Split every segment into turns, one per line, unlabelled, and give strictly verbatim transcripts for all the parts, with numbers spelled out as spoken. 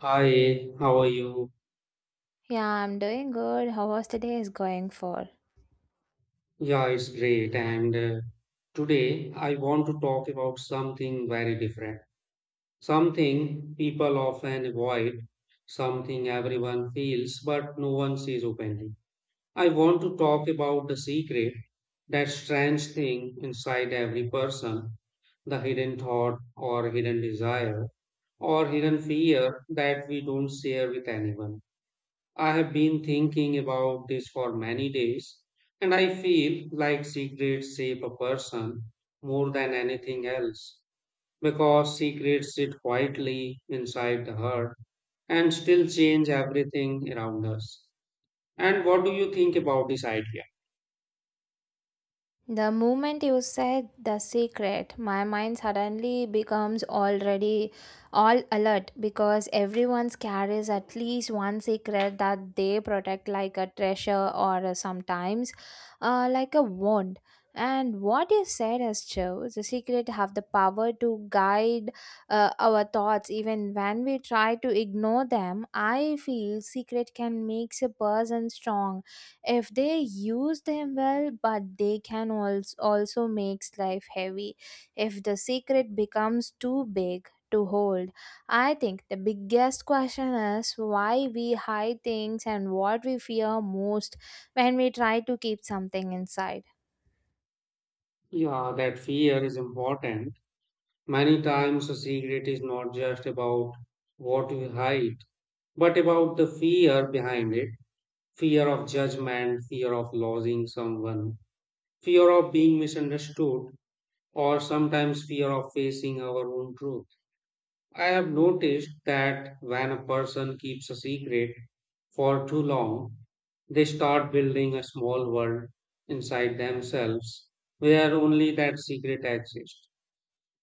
Hi, how are you?
Yeah, I'm doing good. How was today's going for?
Yeah, it's great. And uh, today I want to talk about something very different, something people often avoid, something everyone feels but no one says openly. I want to talk about the secret, that strange thing inside every person, the hidden thought or hidden desire or hidden fear that we don't share with anyone. I have been thinking about this for many days, and I feel like secrets shape a person more than anything else because secrets sit quietly inside the heart and still change everything around us. And what do you think about this idea?
The moment you said the secret, my mind suddenly becomes already all alert because everyone carries at least one secret that they protect like a treasure or uh, sometimes uh, like a wand. And what you said is true. The secret have the power to guide uh, our thoughts even when we try to ignore them. I feel secret can make a person strong if they use them well, but they can also also makes life heavy if the secret becomes too big to hold. I think the biggest question is why we hide things and what we fear most when we try to keep something inside.
Yeah, that fear is important. Many times a secret is not just about what we hide, but about the fear behind it, fear of judgment, fear of losing someone, fear of being misunderstood, or sometimes fear of facing our own truth. I have noticed that when a person keeps a secret for too long, they start building a small world inside themselves where only that secret exists.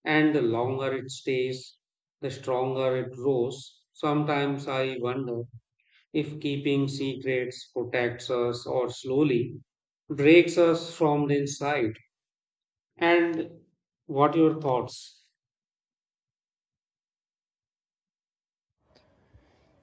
And the longer it stays, the stronger it grows. Sometimes I wonder if keeping secrets protects us or slowly breaks us from the inside. And what your thoughts?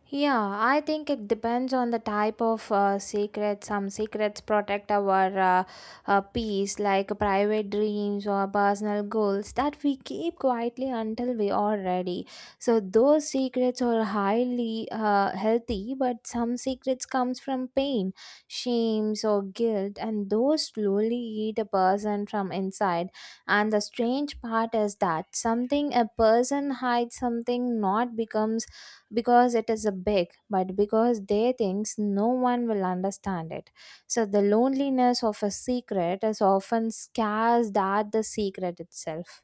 Yeah, I think it depends on the type of uh, secret. Some secrets protect our uh, uh, peace, like private dreams or personal goals that we keep quietly until we are ready. So those secrets are highly uh, healthy, but some secrets comes from pain, shames or guilt, and those slowly eat a person from inside. And the strange part is that something a person hides something not becomes because it is a big but because they thinks no one will understand it, so the loneliness of a secret is often scarce at the secret itself.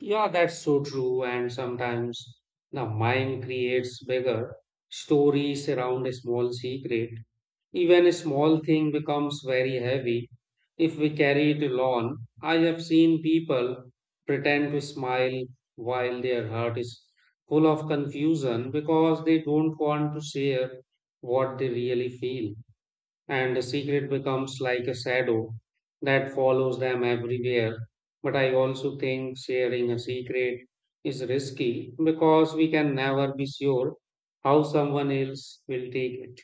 Yeah, that's so true. And sometimes the mind creates bigger stories around a small secret. Even a small thing becomes very heavy if we carry it alone. I have seen people pretend to smile while their heart is full of confusion because they don't want to share what they really feel. And the secret becomes like a shadow that follows them everywhere. But I also think sharing a secret is risky because we can never be sure how someone else will take it.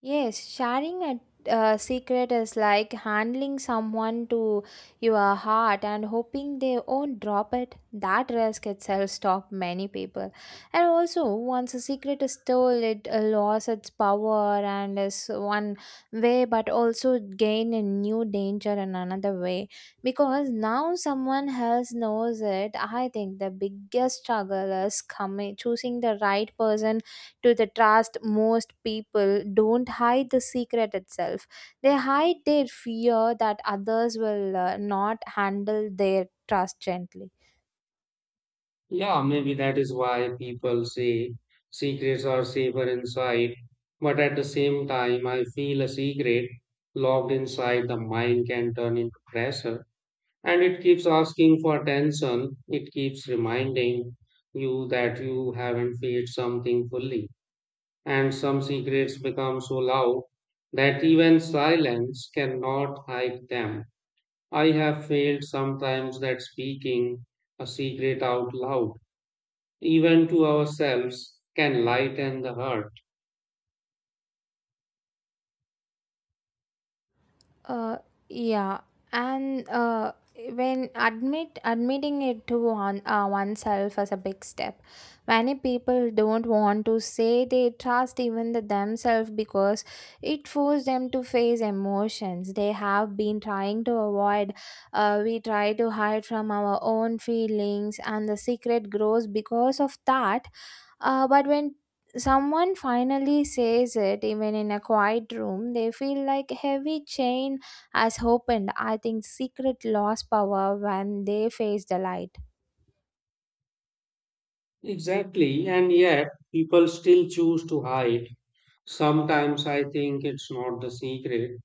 Yes, sharing a uh, secret is like handling someone to your heart and hoping they won't drop it. That risk itself stopped many people. And also, once a secret is told, it uh, lost its power and is one way, but also gain a new danger in another way. Because now someone else knows it, I think the biggest struggle is coming choosing the right person to the trust. Most people don't hide the secret itself, they hide their fear that others will uh, not handle their trust gently.
Yeah, maybe that is why people say secrets are safer inside. But at the same time, I feel a secret locked inside the mind can turn into pressure. And it keeps asking for attention. It keeps reminding you that you haven't felt something fully. And some secrets become so loud that even silence cannot hide them. I have felt sometimes that speaking a secret out loud, even to ourselves, can lighten the hurt.
Uh, yeah, and uh, when admit admitting it to one uh, oneself is a big step. Many people don't want to say they trust even the themselves because it forces them to face emotions they have been trying to avoid. Uh, we try to hide from our own feelings, and the secret grows because of that. Uh, but when someone finally says it, even in a quiet room, they feel like a heavy chain has opened. I think secret lost power when they face the light.
Exactly, and yet people still choose to hide. Sometimes I think it's not the secret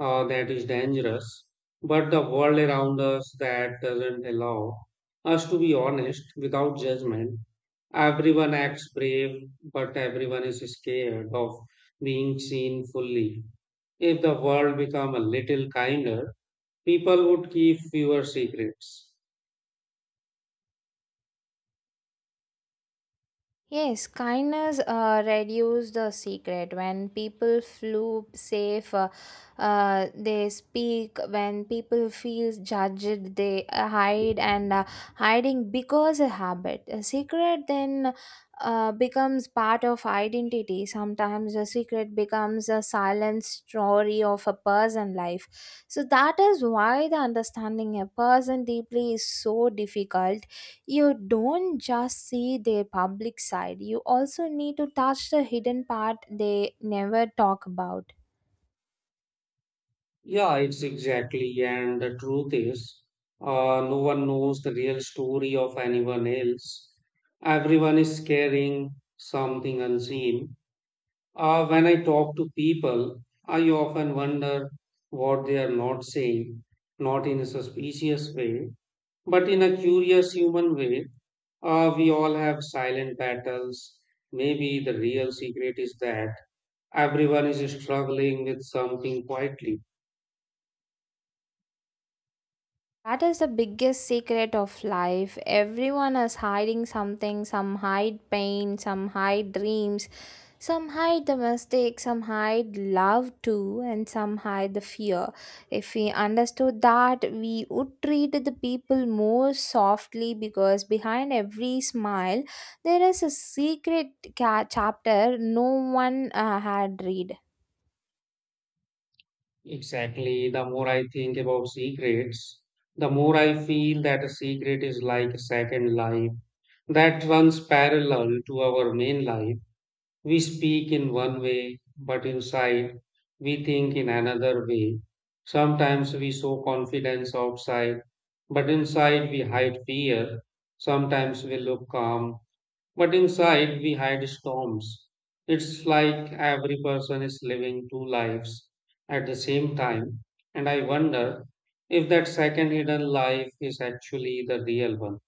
uh, that is dangerous, but the world around us that doesn't allow us to be honest without judgment. Everyone acts brave, but everyone is scared of being seen fully. If the world become a little kinder, people would keep fewer secrets.
Yes, kindness uh, reduces the secret. When people feel safe, uh, uh, they speak. When people feel judged, they uh, hide, and uh, hiding because a habit. A secret then uh, becomes part of identity. Sometimes a secret becomes a silent story of a person life. So that is why the understanding a person deeply is so difficult. You don't just see their public side, you also need to touch the hidden part they never talk about.
Yeah, it's exactly. And the truth is, uh, no one knows the real story of anyone else. Everyone is carrying something unseen. Uh, when I talk to people, I often wonder what they are not saying, not in a suspicious way, but in a curious human way. Uh, we all have silent battles. Maybe the real secret is that everyone is struggling with something quietly.
That is the biggest secret of life. Everyone is hiding something. Some hide pain, some hide dreams, some hide the mistake, some hide love too, and some hide the fear. If we understood that, we would treat the people more softly because behind every smile, there is a secret ca- chapter no one uh, had read.
Exactly. The more I think about secrets, the more I feel that a secret is like a second life that runs parallel to our main life. We speak in one way, but inside we think in another way. Sometimes we show confidence outside, but inside we hide fear. Sometimes we look calm, but inside we hide storms. It's like every person is living two lives at the same time, and I wonder if that second hidden life is actually the real one.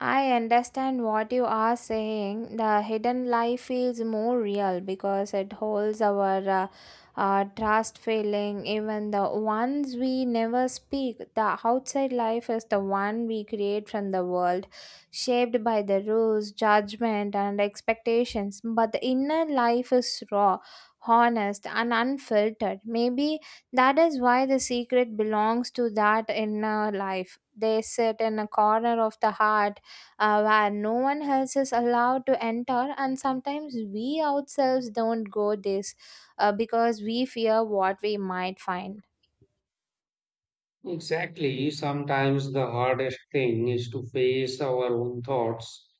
I understand what you are saying. The hidden life feels more real because it holds our uh, uh, trust feeling, even the ones we never speak. The outside life is the one we create from the world, shaped by the rules, judgment, and expectations. But the inner life is raw, honest, and unfiltered. Maybe that is why the secret belongs to that inner life. They sit in a corner of the heart uh, where no one else is allowed to enter, and sometimes we ourselves don't go this uh, because we fear what we might find.
Exactly. Sometimes the hardest thing is to face our own thoughts.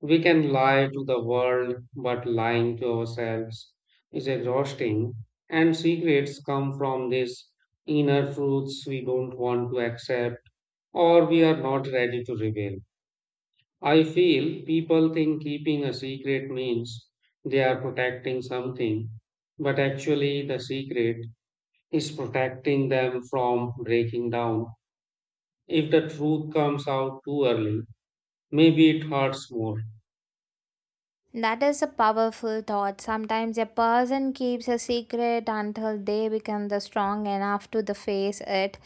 We can lie to the world, but lying to ourselves is exhausting. And secrets come from these inner truths we don't want to accept or we are not ready to reveal. I feel people think keeping a secret means they are protecting something, but actually, the secret is protecting them from breaking down. If the truth comes out too early, maybe it hurts more.
That is a powerful thought. Sometimes a person keeps a secret until they become the strong enough to the face it.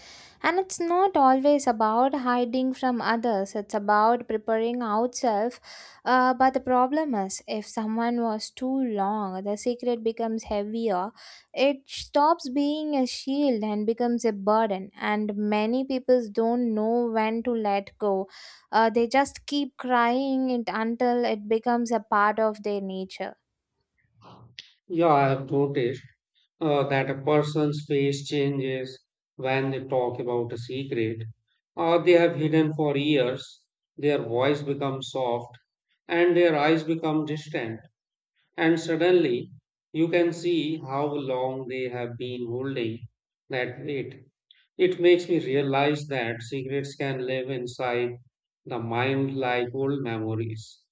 And it's not always about hiding from others, it's about preparing ourselves. Uh, but the problem is, if someone was too long, the secret becomes heavier. It stops being a shield and becomes a burden. And many people don't know when to let go, uh, they just keep crying it until it becomes a part of their nature.
Yeah, I have noticed uh, that a person's face changes when they talk about a secret or they have hidden for years. Their voice becomes soft and their eyes become distant. And suddenly, you can see how long they have been holding that weight. It makes me realize that secrets can live inside the mind like old memories.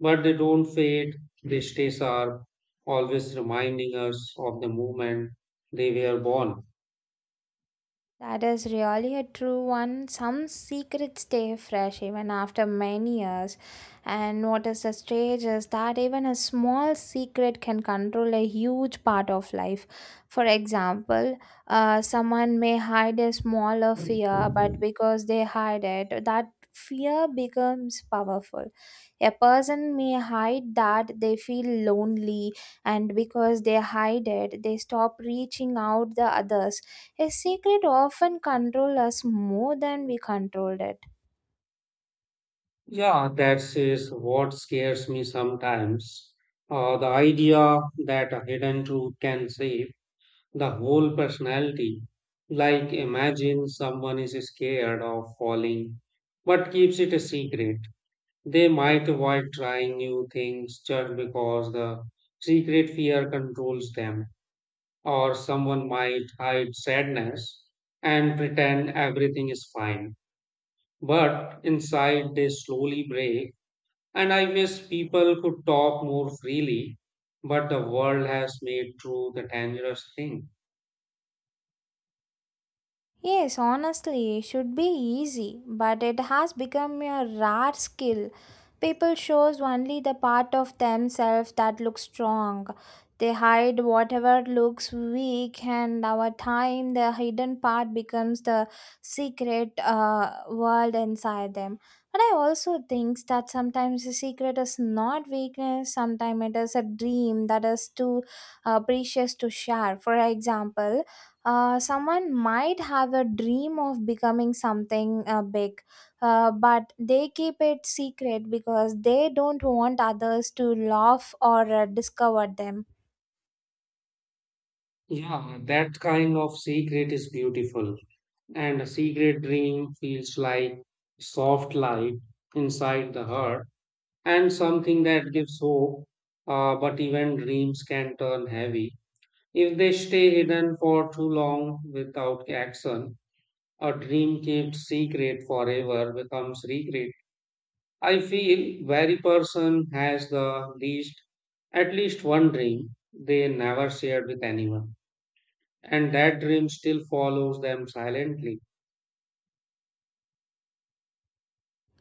But they don't fade, they stay sharp, always reminding us of the moment they were born.
That is really a true one. Some secrets stay fresh even after many years. And what is the strange is that even a small secret can control a huge part of life. For example, uh, someone may hide a smaller fear, but because they hide it, that fear becomes powerful. A person may hide that they feel lonely, and because they hide it, they stop reaching out the others. A secret often controls us more than we controlled it.
Yeah, that is what scares me sometimes. Uh, the idea that a hidden truth can shape the whole personality. Like, imagine someone is scared of falling but keeps it a secret. They might avoid trying new things just because the secret fear controls them. Or someone might hide sadness and pretend everything is fine. But inside, they slowly break. And I wish people could talk more freely, but the world has made truth a dangerous thing.
Yes, honestly, it should be easy, but it has become a rare skill. People shows only the part of themselves that looks strong. They hide whatever looks weak, and over time, the hidden part becomes the secret uh, world inside them. But I also think that sometimes the secret is not weakness, sometimes it is a dream that is too uh, precious to share. For example, uh, someone might have a dream of becoming something uh, big, uh, but they keep it secret because they don't want others to laugh or uh, discover them.
Yeah, that kind of secret is beautiful, and a secret dream feels like soft light inside the heart and something that gives hope. Uh, but even dreams can turn heavy. If they stay hidden for too long without action, a dream kept secret forever becomes regret. I feel every person has the least, at least one dream they never shared with anyone, and that dream still follows them silently.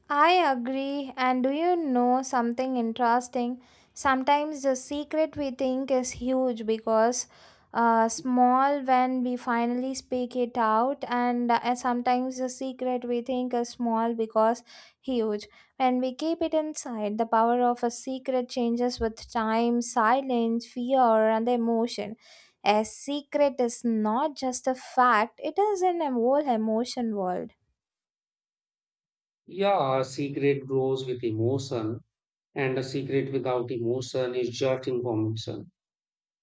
I agree. And do you know something interesting? Sometimes the secret we think is huge because uh, small when we finally speak it out, and uh, sometimes the secret we think is small because huge. When we keep it inside, the power of a secret changes with time, silence, fear, and the emotion. A secret is not just a fact, it is in a whole emotion world.
Yeah, a secret grows with emotion, and a secret without emotion is just information.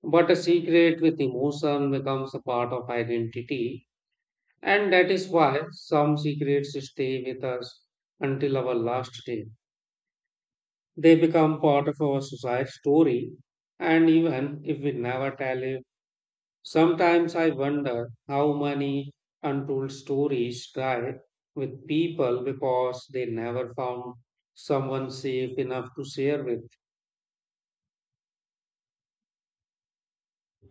But a secret with emotion becomes a part of identity. And that is why some secrets stay with us until our last day. They become part of our society story, and even if we never tell it, sometimes I wonder how many untold stories die with people because they never found someone safe enough to share with.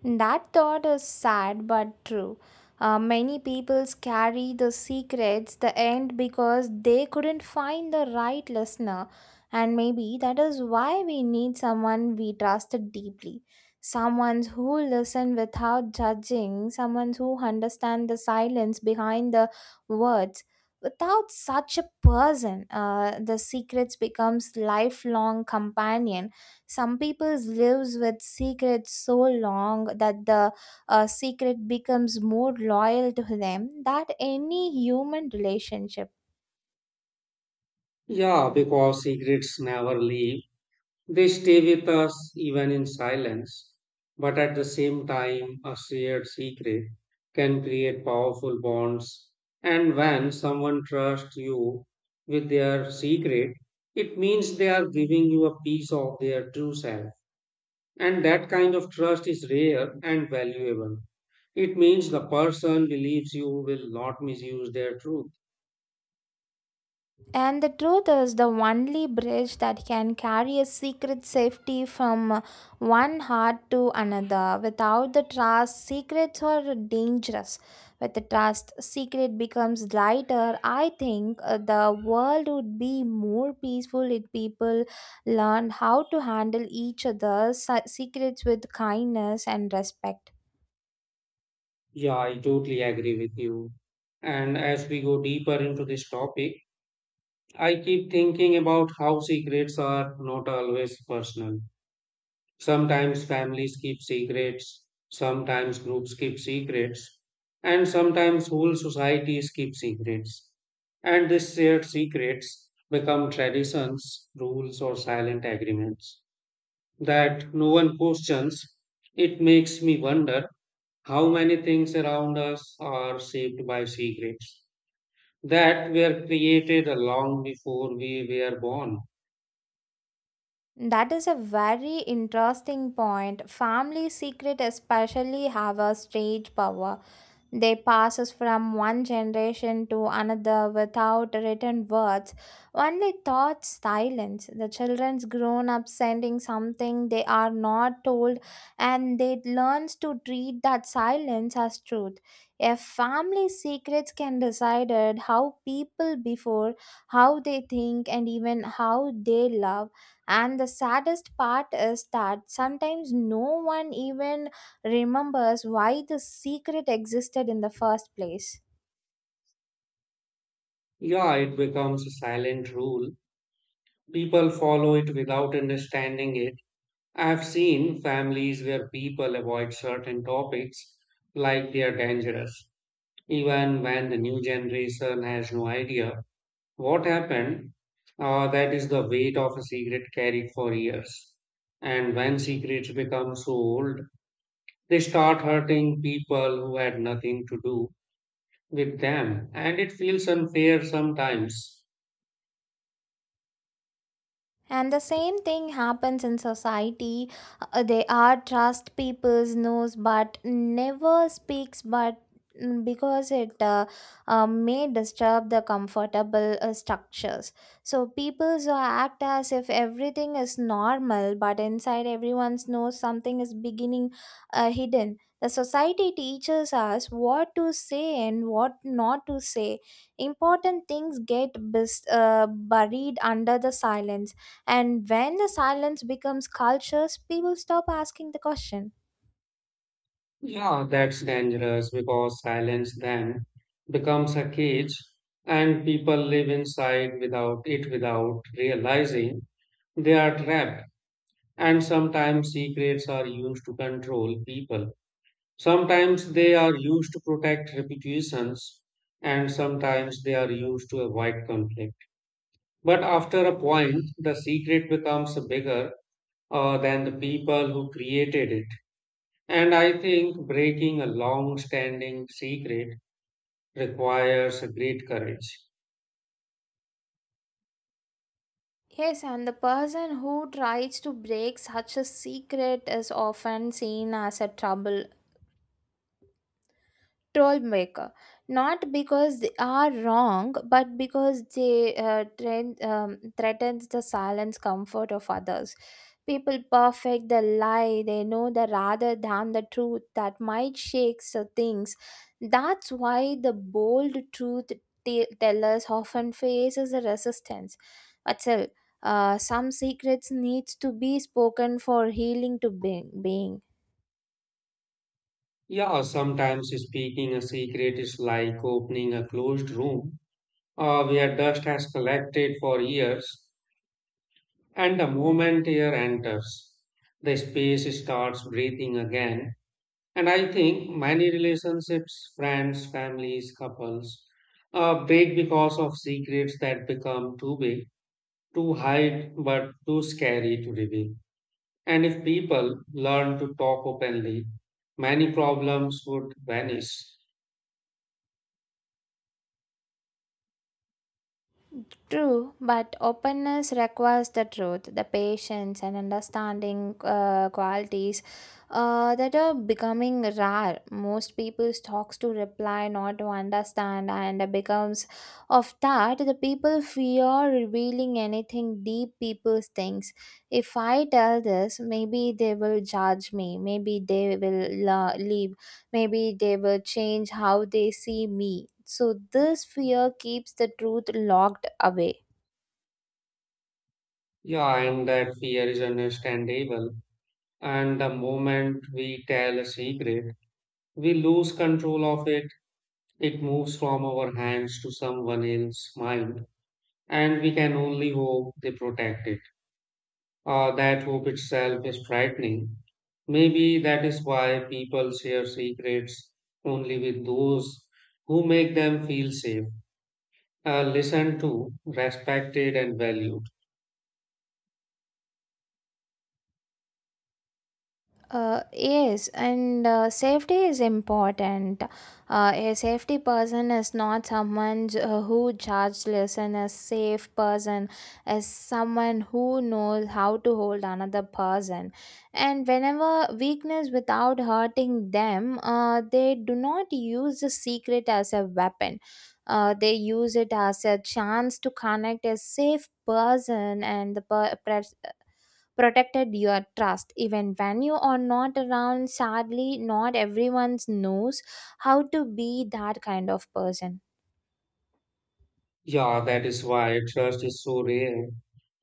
That thought is sad but true. Uh, many people carry the secrets the end because they couldn't find the right listener, and maybe that is why we need someone we trusted deeply, someone who listen without judging, someone who understands the silence behind the words. Without such a person, uh, the secrets becomes lifelong companion. Some people lives with secrets so long that the uh, secret becomes more loyal to them than any human relationship.
Yeah, because secrets never leave. They stay with us even in silence, but at the same time, a shared secret can create powerful bonds. And when someone trusts you with their secret, it means they are giving you a piece of their true self. And that kind of trust is rare and valuable. It means the person believes you will not misuse their truth.
And the truth is, the only bridge that can carry a secret safety from uh, one heart to another. Without the trust, secrets are dangerous. With the trust, secret becomes lighter. I think uh, the world would be more peaceful if people learned how to handle each other's se- secrets with kindness and respect.
Yeah, I totally agree with you. And as we go deeper into this topic, I keep thinking about how secrets are not always personal. Sometimes families keep secrets, sometimes groups keep secrets, and sometimes whole societies keep secrets. And these shared secrets become traditions, rules, or silent agreements that no one questions. It makes me wonder how many things around us are shaped by secrets that were created long before we were born.
That is a very interesting point. Family secret especially have a strange power. They passes from one generation to another without written words, only thoughts, silence. The children's grown up sending something they are not told, and they learns to treat that silence as truth. If family secrets can decided how people before, how they think, and even how they love. And the saddest part is that sometimes no one even remembers why the secret existed in the first place.
Yeah, it becomes a silent rule. People follow it without understanding it. I've seen families where people avoid certain topics like they are dangerous, even when the new generation has no idea what happened. Uh, that is the weight of a secret carried for years. And when secrets become so old, they start hurting people who had nothing to do with them. And it feels unfair sometimes.
And the same thing happens in society. Uh, they are trust people's knows, but never speaks. But mm, because it uh, uh, may disturb the comfortable uh, structures, so people act as if everything is normal, but inside everyone's knows something is beginning uh, hidden. The society teaches us what to say and what not to say. Important things get bus- uh, buried under the silence, and when the silence becomes cultures, people stop asking the question.
Yeah, that's dangerous because silence then becomes a cage and people live inside without it without realizing they are trapped. And sometimes secrets are used to control people. Sometimes they are used to protect reputations and sometimes they are used to avoid conflict. But after a point, the secret becomes bigger uh, than the people who created it. And I think breaking a long standing secret requires a great courage.
Yes, and the person who tries to break such a secret is often seen as a trouble troll maker, not because they are wrong but because they uh, train, um, threatens the silence comfort of others. People perfect the lie they know the rather than the truth that might shake the things. That's why the bold truth te- tellers often faces a resistance, but still, uh, some secrets needs to be spoken for healing to be- being.
Yeah, sometimes speaking a secret is like opening a closed room uh, where dust has collected for years, and the moment air enters, the space starts breathing again. And I think many relationships, friends, families, couples, uh, break because of secrets that become too big, too hide, but too scary to reveal. And if people learn to talk openly, many problems would vanish.
True, but openness requires the truth, the patience, and understanding uh, qualities uh, that are becoming rare. Most people talks to reply, not to understand, and it becomes of that the people fear revealing anything deep. People thinks, if I tell this, maybe they will judge me. Maybe they will la- leave. Maybe they will change how they see me, so this fear keeps the truth locked away.
Yeah, and that fear is understandable. And the moment we tell a secret, we lose control of it. It moves from our hands to someone else's mind. And we can only hope they protect it. Uh, that hope itself is frightening. Maybe that is why people share secrets only with those who make them feel safe. Uh, listened to, respected, and valued.
Uh, yes, and uh, safety is important. Uh, a safety person is not someone j- uh, who judgeless, and a safe person is someone who knows how to hold another person. And whenever weakness without hurting them, uh, they do not use the secret as a weapon. Uh, they use it as a chance to connect a safe person and the per- protected your trust even when you are not around. Sadly, not everyone knows how to be that kind of person.
Yeah, that is why trust is so rare.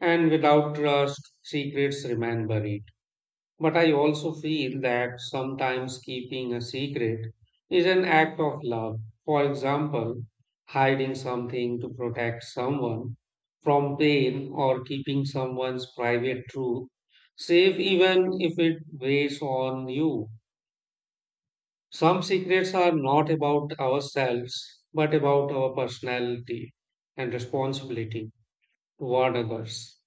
And without trust, secrets remain buried. But I also feel that sometimes keeping a secret is an act of love. For example, hiding something to protect someone from pain or keeping someone's private truth safe even if it weighs on you. Some secrets are not about ourselves, but about our personality and responsibility toward others.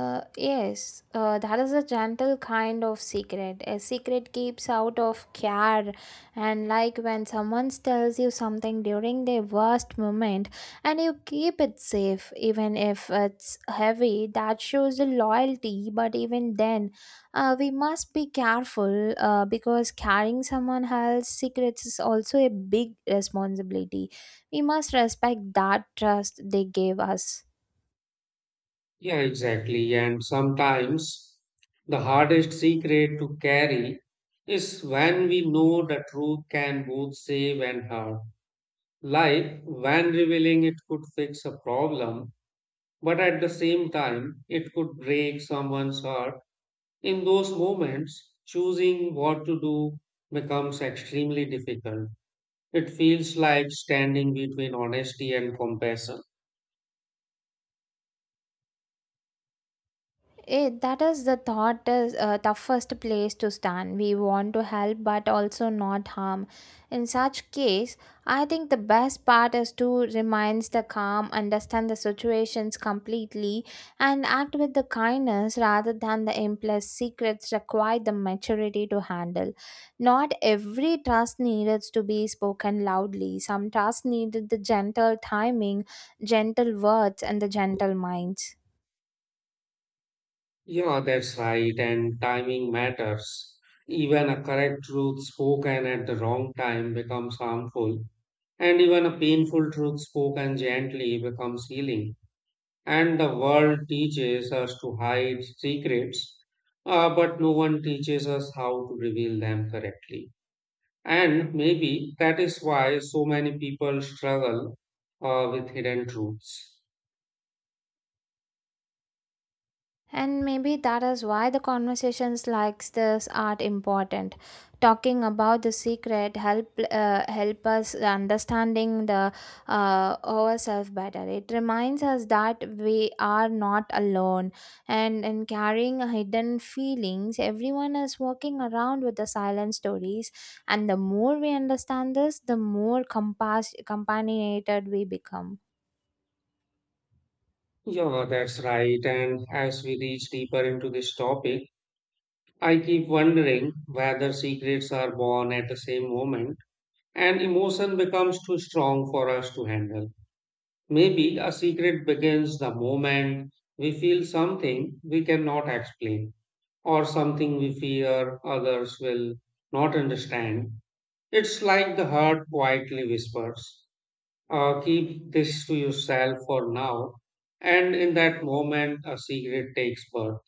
Uh, yes, uh, that is a gentle kind of secret. A secret keeps out of care, and like when someone tells you something during their worst moment, and you keep it safe, even if it's heavy, that shows the loyalty. But even then, uh, we must be careful uh, because carrying someone else's secrets is also a big responsibility. We must respect that trust they gave us.
Yeah, exactly. And sometimes the hardest secret to carry is when we know the truth can both save and hurt. Like when revealing it could fix a problem, but at the same time, it could break someone's heart. In those moments, choosing what to do becomes extremely difficult. It feels like standing between honesty and compassion.
It, that is the thought is uh, toughest place to stand. We want to help but also not harm. In such case, I think the best part is to remains the calm, understand the situations completely, and act with the kindness rather than the impulse. Secrets require the maturity to handle. Not every trust needed to be spoken loudly. Some trust needed the gentle timing, gentle words, and the gentle minds.
Yeah, that's right, and timing matters. Even a correct truth spoken at the wrong time becomes harmful, and even a painful truth spoken gently becomes healing. And the world teaches us to hide secrets, uh, but no one teaches us how to reveal them correctly. And maybe that is why so many people struggle uh, with hidden truths.
And maybe that is why the conversations like this are important. Talking about the secret help uh, help us understanding the uh, ourselves better. It reminds us that we are not alone, and in carrying hidden feelings, everyone is walking around with the silent stories. And the more we understand this, the more compass companionated we become.
Yeah, that's right. And as we reach deeper into this topic, I keep wondering whether secrets are born at the same moment and emotion becomes too strong for us to handle. Maybe a secret begins the moment we feel something we cannot explain or something we fear others will not understand. It's like the heart quietly whispers. Uh, keep this to yourself for now. And in that moment, a secret takes birth.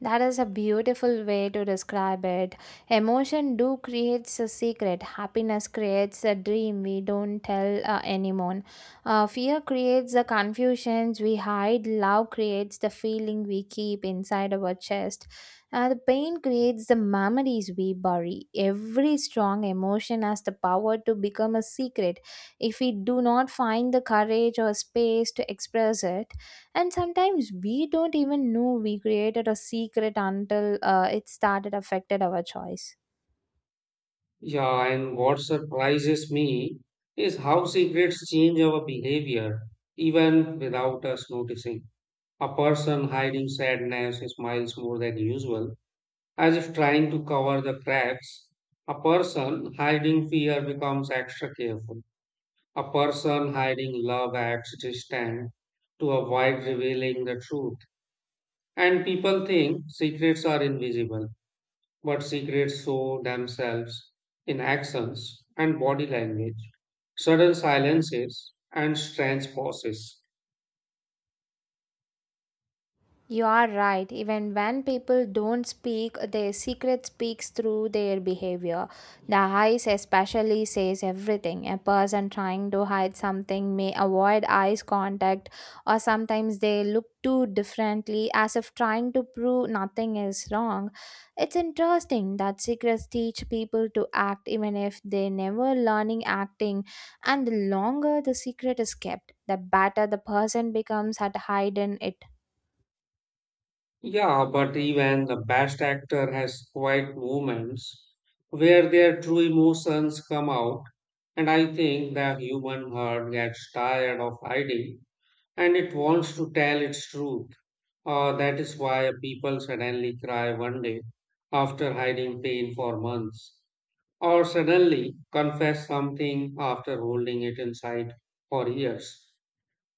That is a beautiful way to describe it. Emotion do creates a secret. Happiness creates a dream we don't tell uh, anyone. Uh, fear creates the confusions we hide. Love creates the feeling we keep inside our chest. Uh, the pain creates the memories we bury. Every strong emotion has the power to become a secret if we do not find the courage or space to express it, and sometimes we don't even know we created a secret until uh, it started affected our choice.
Yeah, and what surprises me is how secrets change our behavior even without us noticing. A person hiding sadness smiles more than usual, as if trying to cover the cracks. A person hiding fear becomes extra careful. A person hiding love acts distant to avoid revealing the truth. And people think secrets are invisible, but secrets show themselves in actions and body language, sudden silences, and strange pauses.
You are right. Even when people don't speak, their secret speaks through their behavior. The eyes, especially, says everything. A person trying to hide something may avoid eyes contact, or sometimes they look too differently as if trying to prove nothing is wrong. It's interesting that secrets teach people to act even if they never learning acting, and the longer the secret is kept, the better the person becomes at hiding it.
Yeah, but even the best actor has quiet moments where their true emotions come out, and I think the human heart gets tired of hiding and it wants to tell its truth. Uh, that is why people suddenly cry one day after hiding pain for months, or suddenly confess something after holding it inside for years.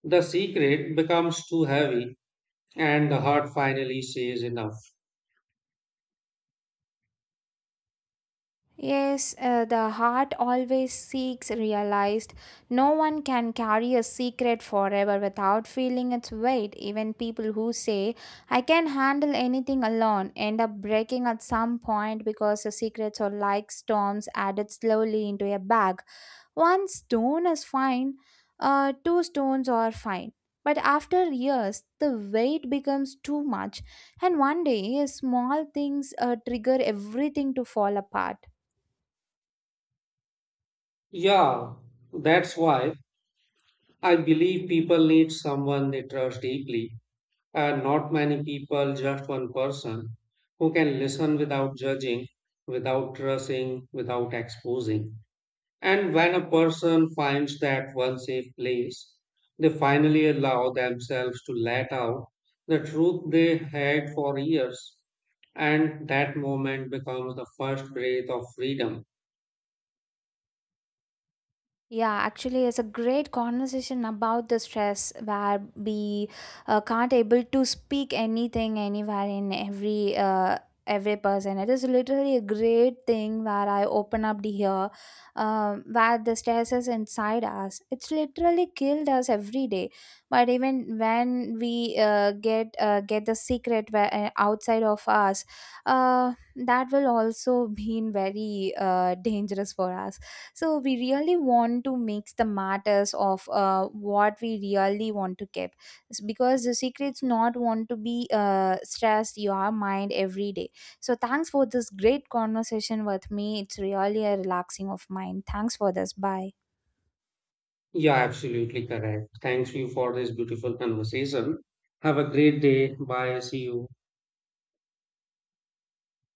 The secret becomes too heavy, and the heart finally says enough.
Yes, uh, the heart always seeks realized. No one can carry a secret forever without feeling its weight. Even people who say, I can handle anything alone, end up breaking at some point because the secrets are like storms added slowly into a bag. One stone is fine, uh, two stones are fine. But after years, the weight becomes too much, and one day, small things uh, trigger everything to fall apart.
Yeah, that's why I believe people need someone they trust deeply, and not many people, just one person who can listen without judging, without trusting, without exposing. And when a person finds that one safe place, they finally allow themselves to let out the truth they had for years. And that moment becomes the first breath of freedom.
Yeah, actually, it's a great conversation about the stress where we uh, can't able to speak anything anywhere in every uh, every person. It is literally a great thing where I open up the here, um, where the stress is inside us. It's literally killed us every day. But even when we uh, get uh, get the secret where, uh, outside of us, uh, that will also be very uh, dangerous for us, so we really want to mix the matters of uh, what we really want to keep. It's because the secrets not want to be uh, stressed your mind every day. So thanks for this great conversation with me. It's really a relaxing of mind. Thanks for this. Bye.
Yeah, absolutely correct. Thanks you for this beautiful conversation. Have a great day. Bye. See you.